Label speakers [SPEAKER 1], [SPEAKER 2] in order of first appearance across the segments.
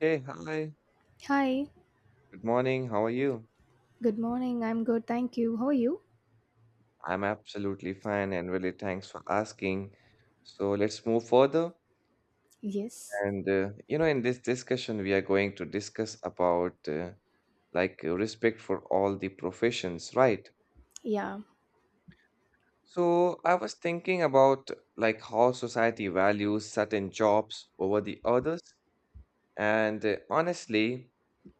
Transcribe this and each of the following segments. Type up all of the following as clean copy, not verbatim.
[SPEAKER 1] Hey, hi.
[SPEAKER 2] Hi,
[SPEAKER 1] Good morning. How are you?
[SPEAKER 2] good morning. I'm good, thank you. How are you?
[SPEAKER 1] I'm absolutely fine and really thanks for asking. So let's move further.
[SPEAKER 2] Yes.
[SPEAKER 1] In this discussion, we are going to discuss about respect for all the professions, right?
[SPEAKER 2] Yeah,
[SPEAKER 1] So I was thinking about how society values certain jobs over the others. And honestly,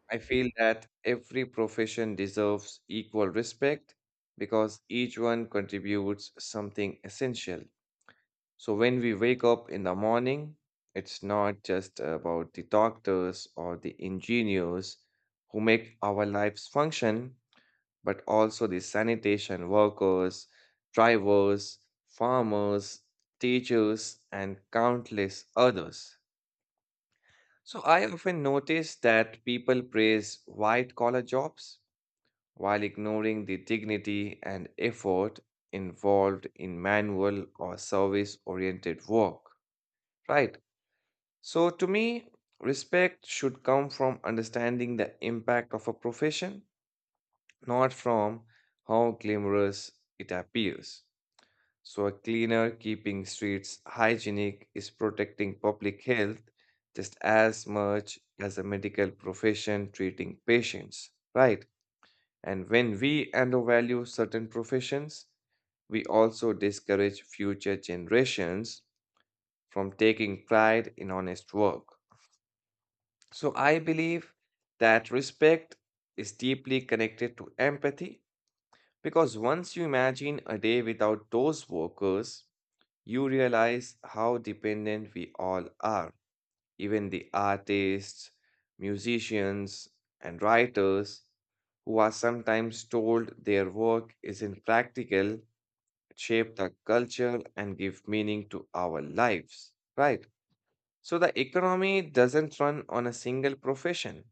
[SPEAKER 1] I feel that every profession deserves equal respect because each one contributes something essential. So when we wake up in the morning, it's not just about the doctors or the engineers who make our lives function, but also the sanitation workers, drivers, farmers, teachers, and countless others. So I often notice that people praise white collar jobs while ignoring the dignity and effort involved in manual or service oriented work, right? So, to me, respect should come from understanding the impact of a profession, not from how glamorous it appears. So, a cleaner keeping streets hygienic is protecting public health just as much as a medical profession treating patients, right? And when we undervalue certain professions, we also discourage future generations from taking pride in honest work. So I believe that respect is deeply connected to empathy because once you imagine a day without those workers, you realize how dependent we all are. Even the artists, musicians, and writers who are sometimes told their work is impractical shape the culture and give meaning to our lives, right? So the economy doesn't run on a single profession,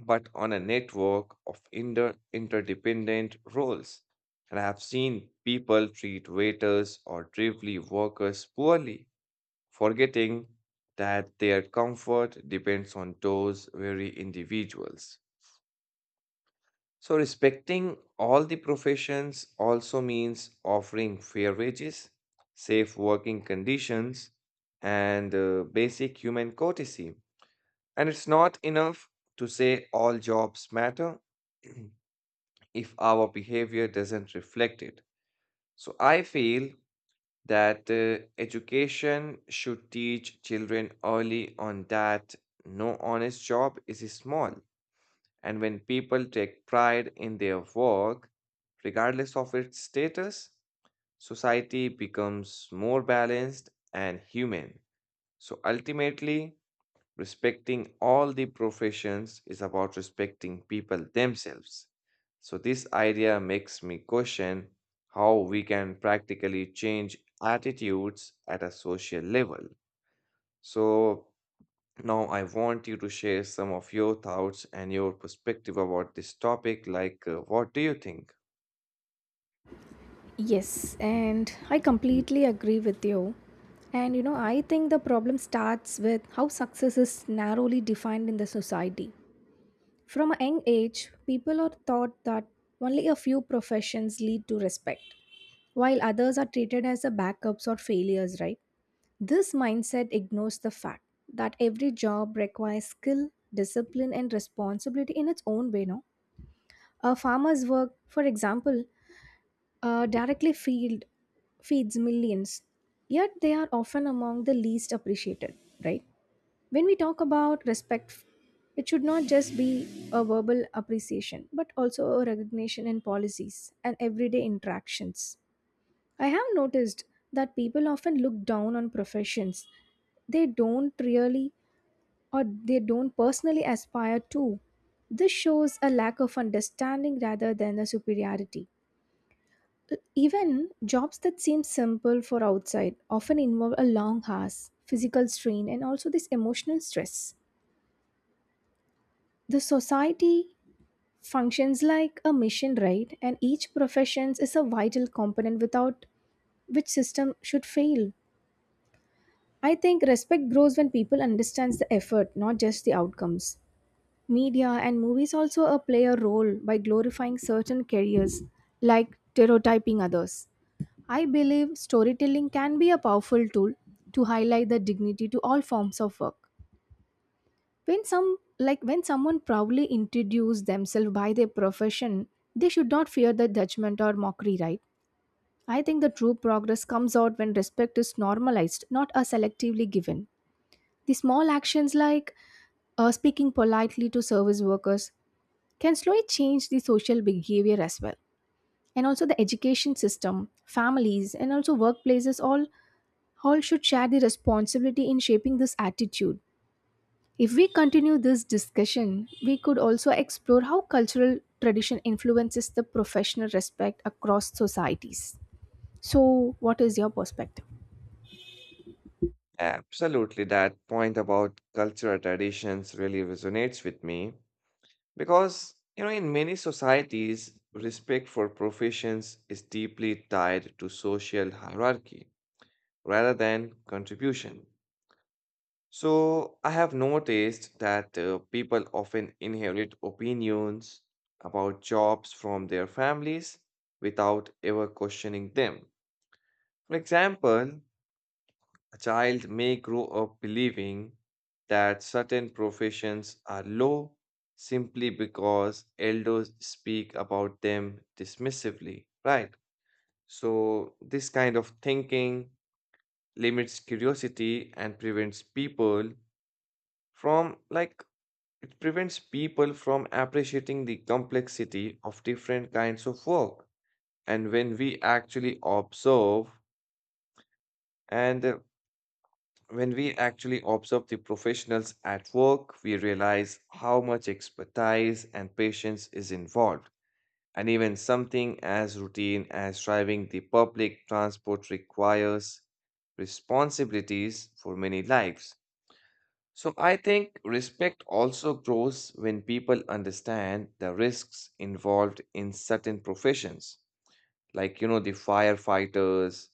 [SPEAKER 1] but on a network of interdependent roles. And I have seen people treat waiters or delivery workers poorly, forgetting that their comfort depends on those very individuals. So, respecting all the professions also means offering fair wages, safe working conditions, and basic human courtesy. And it's not enough to say all jobs matter if our behavior doesn't reflect it. So, I feel that education should teach children early on that no honest job is small. And when people take pride in their work, regardless of its status, society becomes more balanced and human. So ultimately, respecting all the professions is about respecting people themselves. So, this idea makes me question how we can practically change attitudes at a social level. So, now I want you to share some of your thoughts and your perspective about this topic. What do you think?
[SPEAKER 2] yes, and I completely agree with you. And you know, I think the problem starts with how success is narrowly defined in the society. From a young age, people are taught that only a few professions lead to respect, while others are treated as a backups or failures, right? This mindset ignores the fact that every job requires skill, discipline, and responsibility in its own way, no? A farmer's work, for example, uh, directly feed, feeds millions, yet they are often among the least appreciated, right? When we talk about respect, it should not just be a verbal appreciation, but also a recognition in policies and everyday interactions. I have noticed that people often look down on professions they don't really they don't personally aspire to. This shows a lack of understanding rather than a superiority. Even jobs that seem simple for outside often involve a long hours, physical strain, and also this emotional stress. The society functions like a mission, right? And each profession is a vital component without which system should fail. I think respect grows when people understands the effort, not just the outcomes. Media and movies also play a role by glorifying certain careers, like stereotyping others. I believe storytelling can be a powerful tool to highlight the dignity to all forms of work. When someone proudly introduces themselves by their profession, they should not fear the judgment or mockery, right? I think the true progress comes out when respect is normalized, not a selectively given. The small actions like speaking politely to service workers can slowly change the social behavior as well. And also the education system, families, and also workplaces all should share the responsibility in shaping this attitude. If we continue this discussion, we could also explore how cultural tradition influences the professional respect across societies. So, what is your perspective?
[SPEAKER 1] Absolutely, that point about cultural traditions really resonates with me. Because, you know, in many societies, respect for professions is deeply tied to social hierarchy rather than contribution. So, I have noticed that people often inherit opinions about jobs from their families without ever questioning them. For example, a child may grow up believing that certain professions are low simply because elders speak about them dismissively, right? So, this kind of thinking limits curiosity and prevents people from, like, it prevents people from appreciating the complexity of different kinds of work. And when we actually observe and When we actually observe the professionals at work, we realize how much expertise and patience is involved. And even something as routine as driving the public transport requires responsibilities for many lives. So I think respect also grows when people understand the risks involved in certain professions, like you know, the firefighters,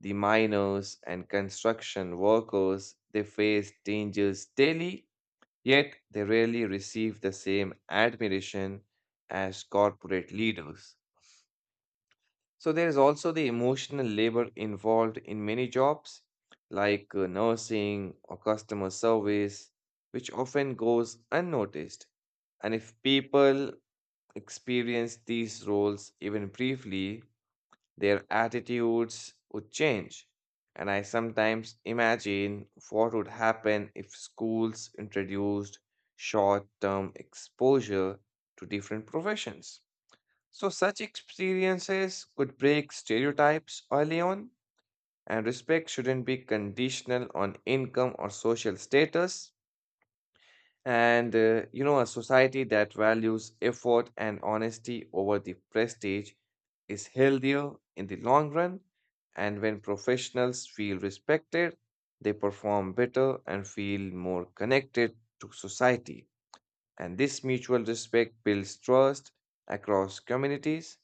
[SPEAKER 1] the miners, and construction workers. They face dangers daily, yet they rarely receive the same admiration as corporate leaders. So there is also the emotional labor involved in many jobs like nursing or customer service, which often goes unnoticed. And if people experience these roles even briefly, their attitudes would change. And I sometimes imagine what would happen if schools introduced short term exposure to different professions. So, such experiences could break stereotypes early on, and respect shouldn't be conditional on income or social status. A society that values effort and honesty over the prestige is healthier in the long run. And when professionals feel respected, they perform better and feel more connected to society. And this mutual respect builds trust across communities.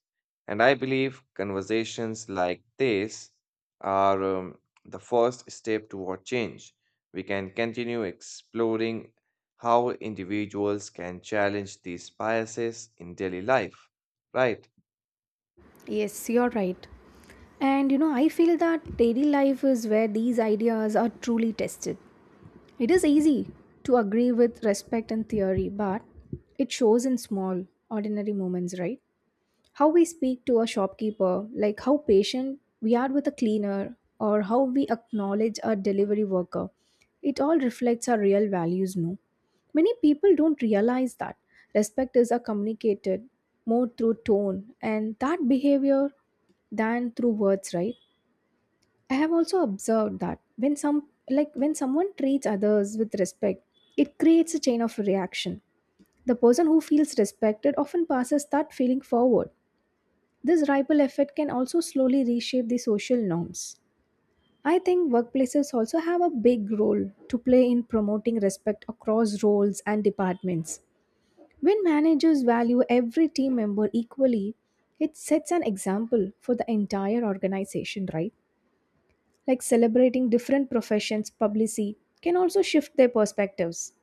[SPEAKER 1] And I believe conversations like this are the first step toward change. We can continue exploring how individuals can challenge these biases in daily life, right?
[SPEAKER 2] Yes, you're right. And you know, I feel that daily life is where these ideas are truly tested. It is easy to agree with respect and theory, but it shows in small, ordinary moments, right? How we speak to a shopkeeper, like how patient we are with a cleaner, or how we acknowledge a delivery worker. It all reflects our real values, no? Many people don't realize that. Respect is a communicated more through tone and that behavior than through words, right? I have also observed that when someone treats others with respect, it creates a chain of reaction. The person who feels respected often passes that feeling forward. This ripple effect can also slowly reshape the social norms. I think workplaces also have a big role to play in promoting respect across roles and departments. When managers value every team member equally, it sets an example for the entire organization, right? Like celebrating different professions, publicly can also shift their perspectives.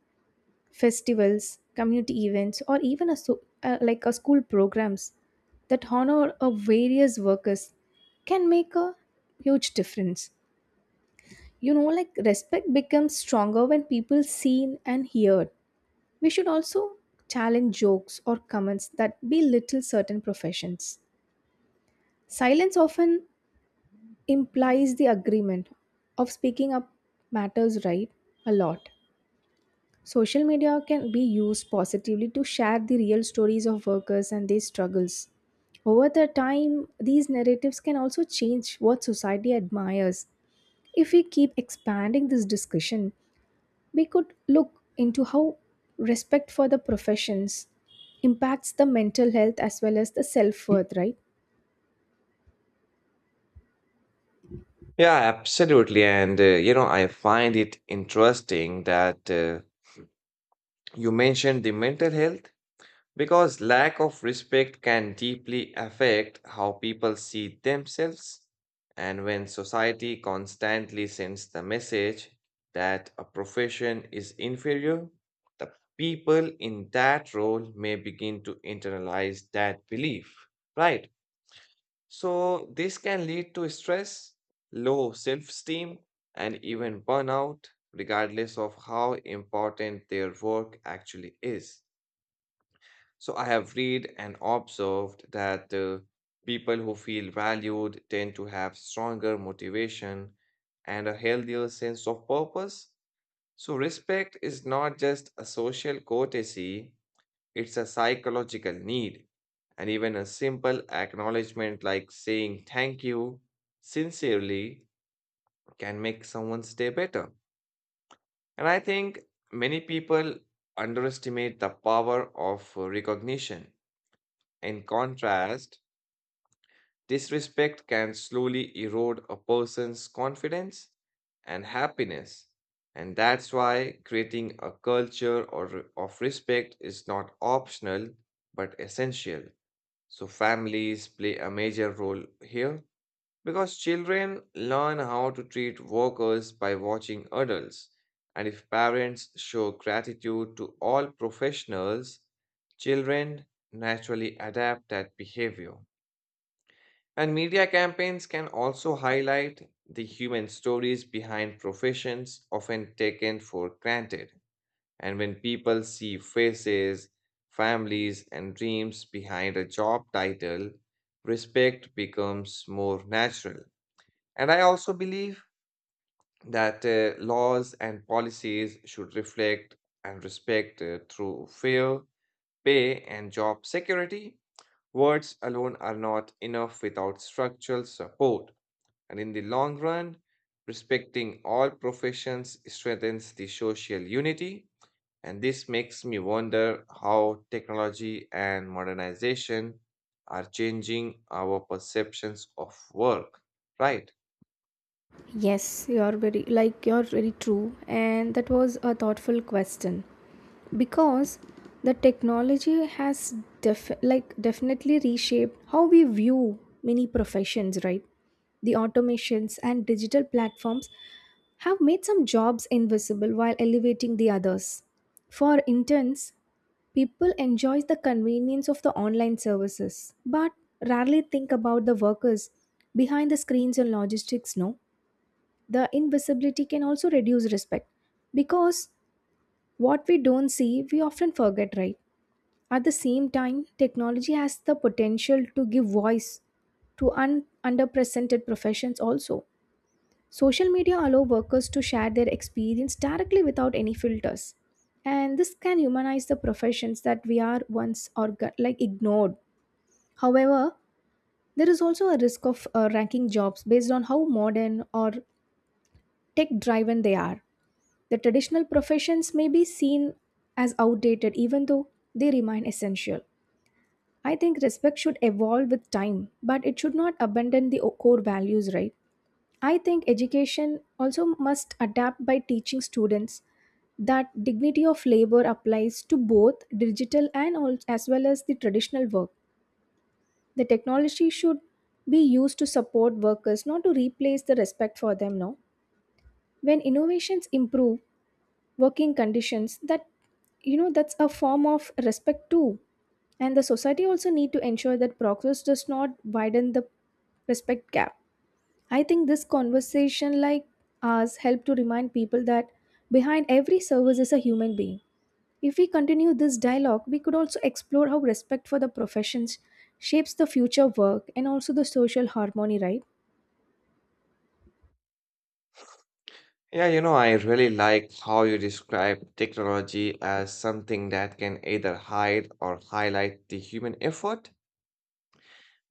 [SPEAKER 2] Festivals, community events, or even a like a school programs that honor a various workers can make a huge difference. You know, like respect becomes stronger when people seen and heard. We should also challenge jokes or comments that belittle certain professions. Silence often implies the agreement of speaking up matters, right, a lot. Social media can be used positively to share the real stories of workers and their struggles. Over the time, these narratives can also change what society admires. If we keep expanding this discussion, we could look into how respect for the professions impacts the mental health as well as the self-worth, right?
[SPEAKER 1] Yeah, absolutely. I find it interesting that you mentioned the mental health. Because lack of respect can deeply affect how people see themselves. And when society constantly sends the message that a profession is inferior, the people in that role may begin to internalize that belief, right? So, this can lead to stress, low self esteem, and even burnout, regardless of how important their work actually is. So I have read and observed that people who feel valued tend to have stronger motivation and a healthier sense of purpose. So respect is not just a social courtesy, it's a psychological need. And even a simple acknowledgement like saying thank you sincerely can make someone's day better. And I think many people underestimate the power of recognition. In contrast, disrespect can slowly erode a person's confidence and happiness. And that's why creating a culture of respect is not optional but essential. So, families play a major role here because children learn how to treat workers by watching adults. And if parents show gratitude to all professionals, children naturally adapt that behavior. And media campaigns can also highlight the human stories behind professions often taken for granted. And when people see faces, families, and dreams behind a job title, respect becomes more natural. And I also believe that laws and policies should reflect and respect through fair pay and job security. Words alone are not enough without structural support. And in the long run, respecting all professions strengthens the social unity. And this makes me wonder how technology and modernization are changing our perceptions of work, right?
[SPEAKER 2] Yes, you're very true and that was a thoughtful question. Because the technology has definitely reshaped how we view many professions, right? The automations and digital platforms have made some jobs invisible while elevating the others. For interns, people enjoy the convenience of the online services but rarely think about the workers behind the screens and logistics, no? The invisibility can also reduce respect because what we don't see we often forget, right? At the same time, technology has the potential to give voice to underrepresented professions also. Social media allow workers to share their experience directly without any filters. And this can humanize the professions that we are once ignored. However, there is also a risk of ranking jobs based on how modern or tech driven they are. The traditional professions may be seen as outdated even though they remain essential. I think respect should evolve with time, but it should not abandon the core values, right? I think education also must adapt by teaching students that dignity of labor applies to both digital and as well as the traditional work. The technology should be used to support workers, not to replace the respect for them. No, when innovations improve working conditions, that you know that's a form of respect too. And the society also need to ensure that progress does not widen the respect gap. I think this conversation like ours help to remind people that behind every service is a human being. If we continue this dialogue, we could also explore how respect for the professions shapes the future work and also the social harmony, right?
[SPEAKER 1] Yeah, you know, I really like how you describe technology as something that can either hide or highlight the human effort,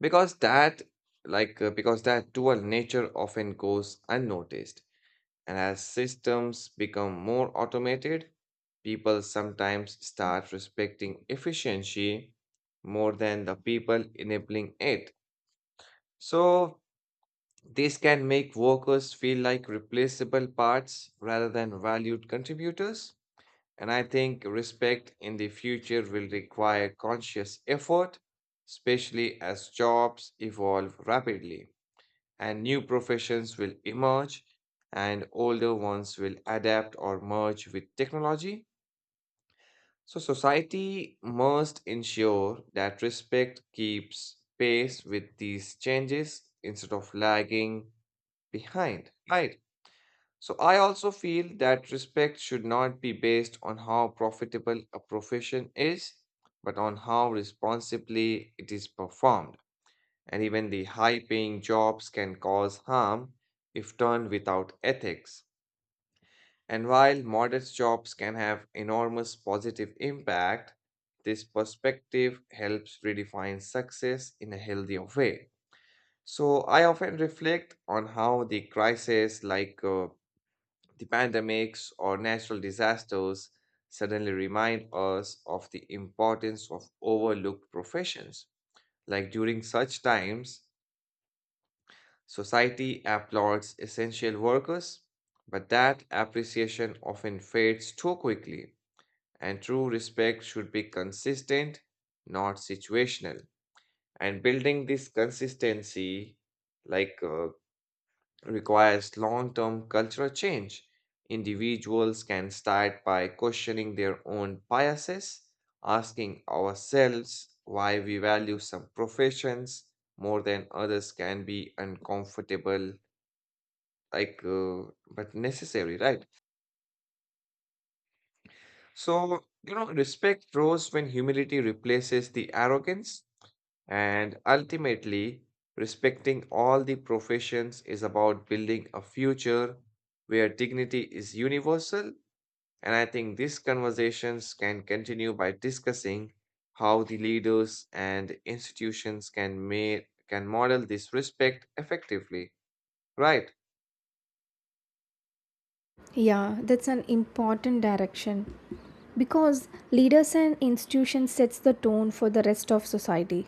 [SPEAKER 1] because that because that dual nature often goes unnoticed. And as systems become more automated, people sometimes start respecting efficiency more than the people enabling it. So, this can make workers feel like replaceable parts rather than valued contributors. And I think respect in the future will require conscious effort, especially as jobs evolve rapidly and new professions will emerge and older ones will adapt or merge with technology. So, society must ensure that respect keeps pace with these changes instead of lagging behind, right? So, I also feel that respect should not be based on how profitable a profession is, but on how responsibly it is performed, and even the high paying jobs can cause harm if done without ethics. And while modest jobs can have enormous positive impact, this perspective helps redefine success in a healthier way. So I often reflect on how the crises like the pandemics or natural disasters suddenly remind us of the importance of overlooked professions. Like during such times, society applauds essential workers, but that appreciation often fades too quickly, and true respect should be consistent, not situational. And building this consistency like uh, requires long-term cultural change. Individuals can start by questioning their own biases. Asking ourselves why we value some professions more than others can be uncomfortable like uh, but necessary, right? So you know, respect grows when humility replaces the arrogance. And ultimately, respecting all the professions is about building a future where dignity is universal. And I think these conversations can continue by discussing how the leaders and institutions can model this respect effectively, right?
[SPEAKER 2] Yeah, that's an important direction because leaders and institutions sets the tone for the rest of society,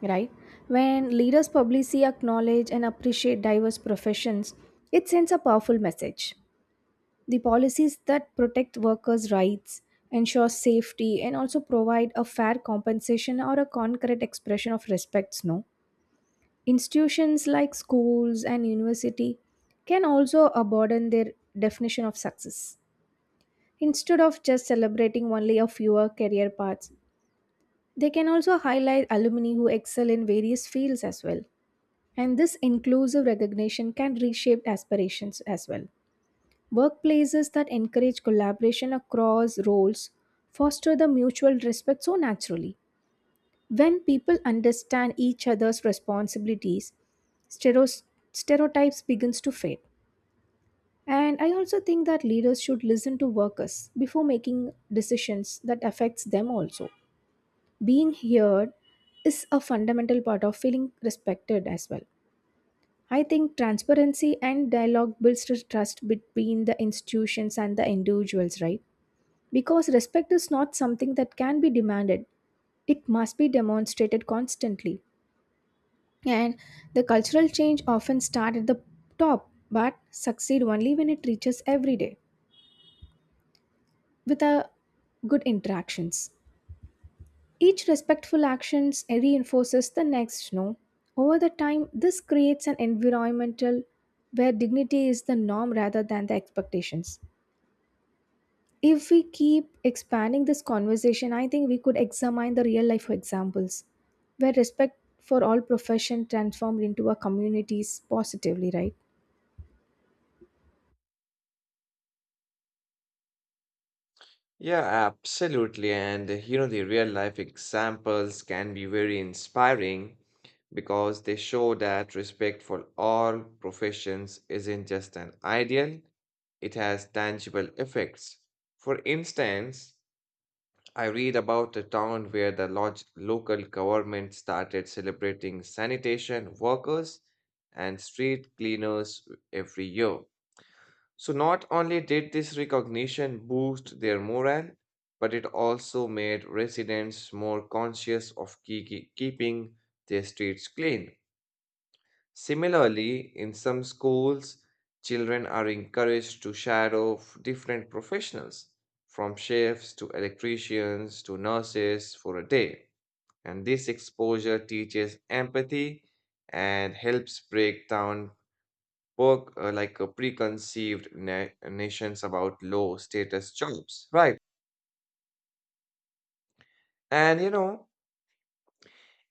[SPEAKER 2] right? When leaders publicly acknowledge and appreciate diverse professions, it sends a powerful message. The policies that protect workers' rights, ensure safety, and also provide a fair compensation or a concrete expression of respects, no? Institutions like schools and university can also broaden their definition of success. Instead of just celebrating only a fewer career paths, they can also highlight alumni who excel in various fields as well. And this inclusive recognition can reshape aspirations as well. Workplaces that encourage collaboration across roles foster the mutual respect so naturally. When people understand each other's responsibilities, stero- stereotypes begins to fade. And I also think that leaders should listen to workers before making decisions that affects them also. Being heard is a fundamental part of feeling respected as well. I think transparency and dialogue builds the trust between the institutions and the individuals, right? Because respect is not something that can be demanded. It must be demonstrated constantly. And the cultural change often start at the top but succeed only when it reaches every day, with a good interactions. Each respectful actions reinforces the next, no. Over the time, this creates an environmental where dignity is the norm rather than the expectations. If we keep expanding this conversation, I think we could examine the real life examples where respect for all profession transformed into a communities positively, right?
[SPEAKER 1] Yeah, absolutely. And you know, the real life examples can be very inspiring because they show that respect for all professions isn't just an ideal, it has tangible effects. For instance, I read about a town where the local government started celebrating sanitation workers and street cleaners every year. So not only did this recognition boost their morale, but it also made residents more conscious of keeping their streets clean. Similarly, in some schools, children are encouraged to shadow different professionals, from chefs to electricians to nurses for a day. And this exposure teaches empathy and helps break down work like preconceived nations about low status jobs, right? And you know,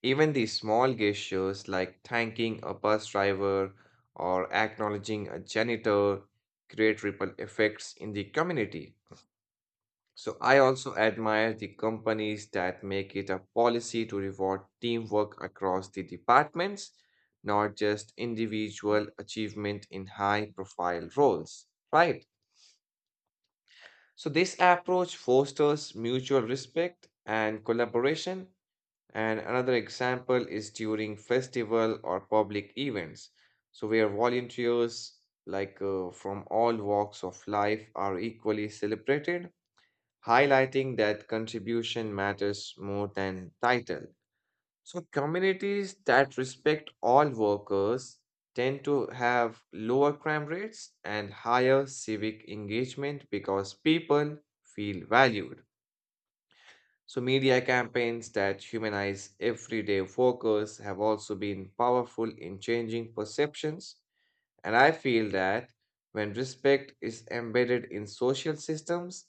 [SPEAKER 1] even the small gestures like thanking a bus driver or acknowledging a janitor create ripple effects in the community. So I also admire the companies that make it a policy to reward teamwork across the departments, not just individual achievement in high profile roles, right? So, this approach fosters mutual respect and collaboration. And another example is during festival or public events. So, where volunteers, from all walks of life, are equally celebrated, highlighting that contribution matters more than title. So communities that respect all workers tend to have lower crime rates and higher civic engagement because people feel valued. So media campaigns that humanize everyday workers have also been powerful in changing perceptions, and I feel that when respect is embedded in social systems,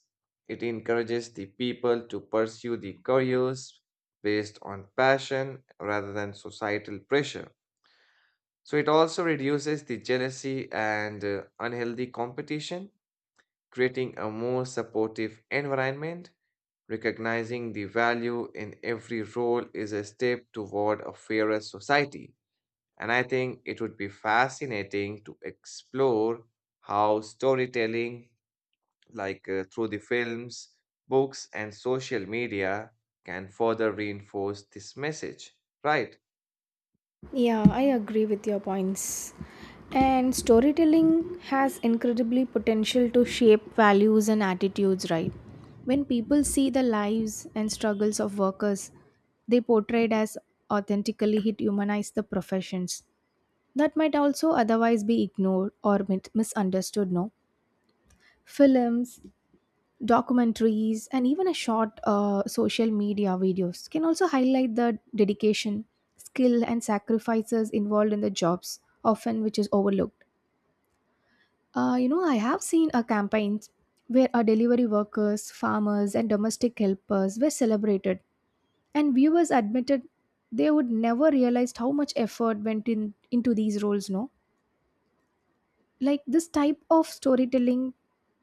[SPEAKER 1] it encourages the people to pursue the careers based on passion rather than societal pressure. So it also reduces the jealousy and unhealthy competition, creating a more supportive environment. Recognizing the value in every role is a step toward a fairer society. And I think it would be fascinating to explore how storytelling, through the films, books, and social media, can further reinforce this message, right?
[SPEAKER 2] Yeah, I agree with your points. And storytelling has incredibly potential to shape values and attitudes, right? When people see the lives and struggles of workers they portrayed as authentically, it humanize the professions that might also otherwise be ignored or misunderstood, no? Films, documentaries, and even a short social media videos can also highlight the dedication, skill, and sacrifices involved in the jobs, often which is overlooked. You know, I have seen a campaigns where our delivery workers, farmers, and domestic helpers were celebrated, and viewers admitted they would never realized how much effort went in into these roles, no. Like this type of storytelling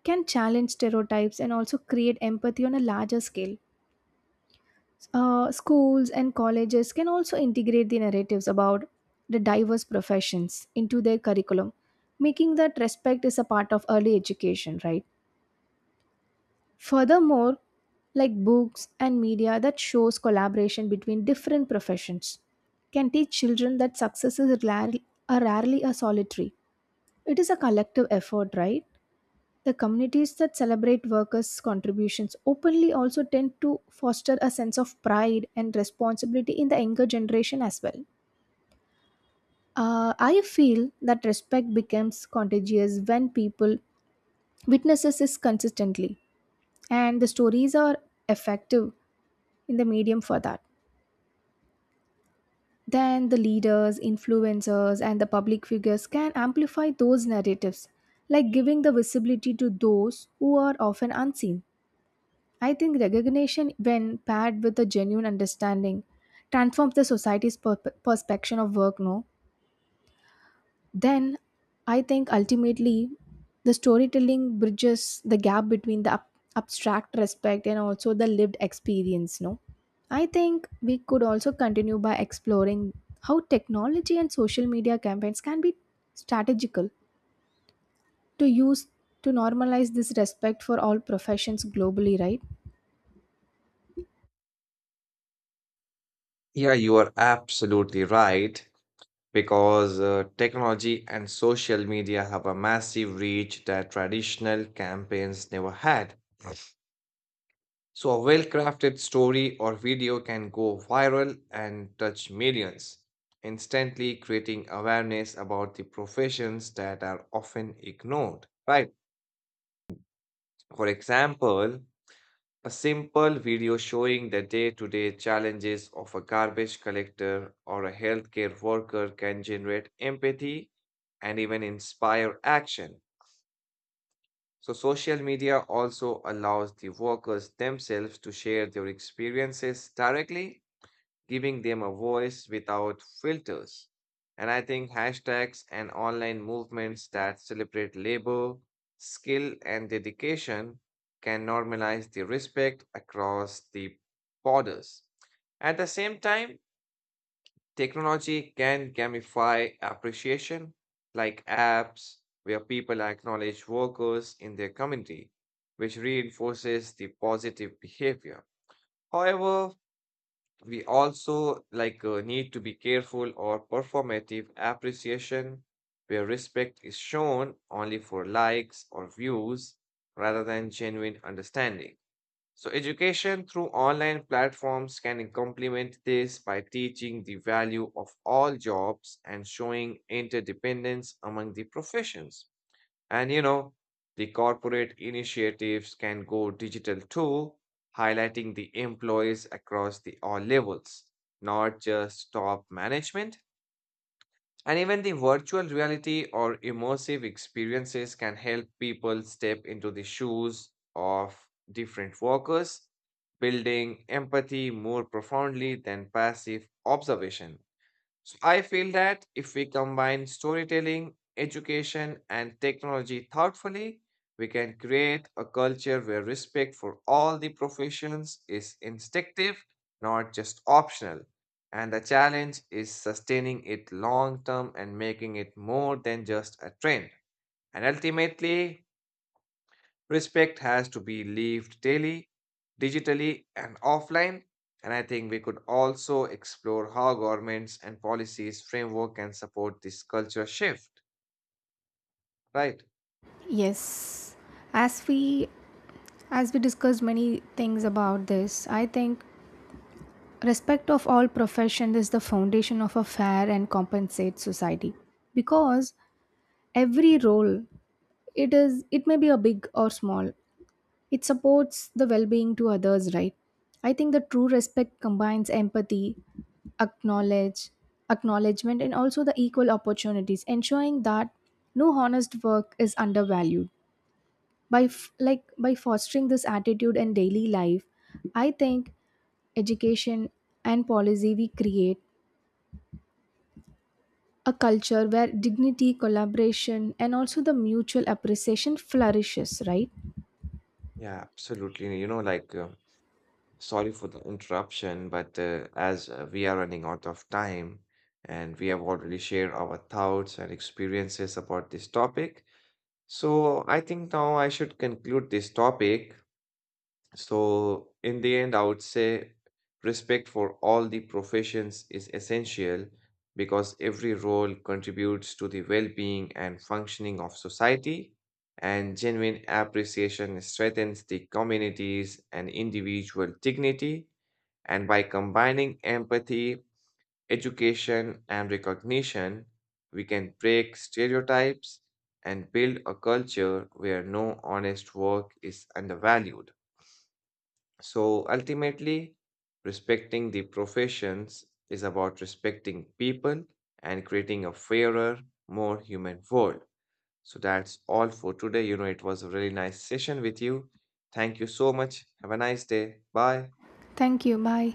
[SPEAKER 2] can challenge stereotypes and also create empathy on a larger scale. Schools and colleges can also integrate the narratives about the diverse professions into their curriculum, making that respect is a part of early education, right? Furthermore, like books and media that shows collaboration between different professions can teach children that are rarely a solitary. It is a collective effort, right? The communities that celebrate workers' contributions openly also tend to foster a sense of pride and responsibility in the younger generation as well. I feel that respect becomes contagious when people witnesses this consistently, and the stories are effective in the medium for that. Then the leaders, influencers, and the public figures can amplify those narratives, like giving the visibility to those who are often unseen. I think recognition, when paired with a genuine understanding, transforms the society's perception of work. No, then I think ultimately the storytelling bridges the gap between the abstract respect and also the lived experience. No, I think we could also continue by exploring how technology and social media campaigns can be strategical to use to normalize this respect for all professions globally. Right?
[SPEAKER 1] Yeah, you are absolutely right. Because technology and social media have a massive reach that traditional campaigns never had. So, a well crafted story or video can go viral and touch millions, instantly creating awareness about the professions that are often ignored. Right? For example, a simple video showing the day to day challenges of a garbage collector or a healthcare worker can generate empathy and even inspire action. So, social media also allows the workers themselves to share their experiences directly, giving them a voice without filters. And I think hashtags and online movements that celebrate labor, skill, and dedication can normalize the respect across the borders. At the same time, technology can gamify appreciation, like apps where people acknowledge workers in their community, which reinforces the positive behavior. However, we also need to be careful or performative appreciation where respect is shown only for likes or views rather than genuine understanding. So education through online platforms can complement this by teaching the value of all jobs and showing interdependence among the professions. And you know, the corporate initiatives can go digital too, highlighting the employees across the all levels, not just top management. And even the virtual reality or immersive experiences can help people step into the shoes of different workers, building empathy more profoundly than passive observation. So I feel that if we combine storytelling, education, and technology thoughtfully, we can create a culture where respect for all the professions is instinctive, not just optional. And the challenge is sustaining it long term and making it more than just a trend. And ultimately, respect has to be lived daily, digitally, and offline. And I think we could also explore how governments and policies framework can support this culture shift, right?
[SPEAKER 2] Yes, as we as we discussed many things about this, I think respect of all profession is the foundation of a fair and compensate society because every role, it may be a big or small, it supports the well-being to others, right? I think the true respect combines empathy, acknowledge acknowledgement, and also the equal opportunities, ensuring that no honest work is undervalued by by fostering this attitude in daily life. I think education, and policy, we create a culture where dignity, collaboration, and also the mutual appreciation flourishes, right?
[SPEAKER 1] Yeah, absolutely. Sorry for the interruption, but as we are running out of time and we have already shared our thoughts and experiences about this topic, so I think now I should conclude this topic. So, in the end, I would say respect for all the professions is essential because every role contributes to the well being and functioning of society, and genuine appreciation strengthens the communities and individual dignity. And by combining empathy, education, and recognition, we can break stereotypes and build a culture where no honest work is undervalued. So ultimately, respecting the professions is about respecting people and creating a fairer, more human world. So that's all for today. You know, it was a really nice session with you. Thank you so much. Have a nice day. Bye.
[SPEAKER 2] Thank you. Bye.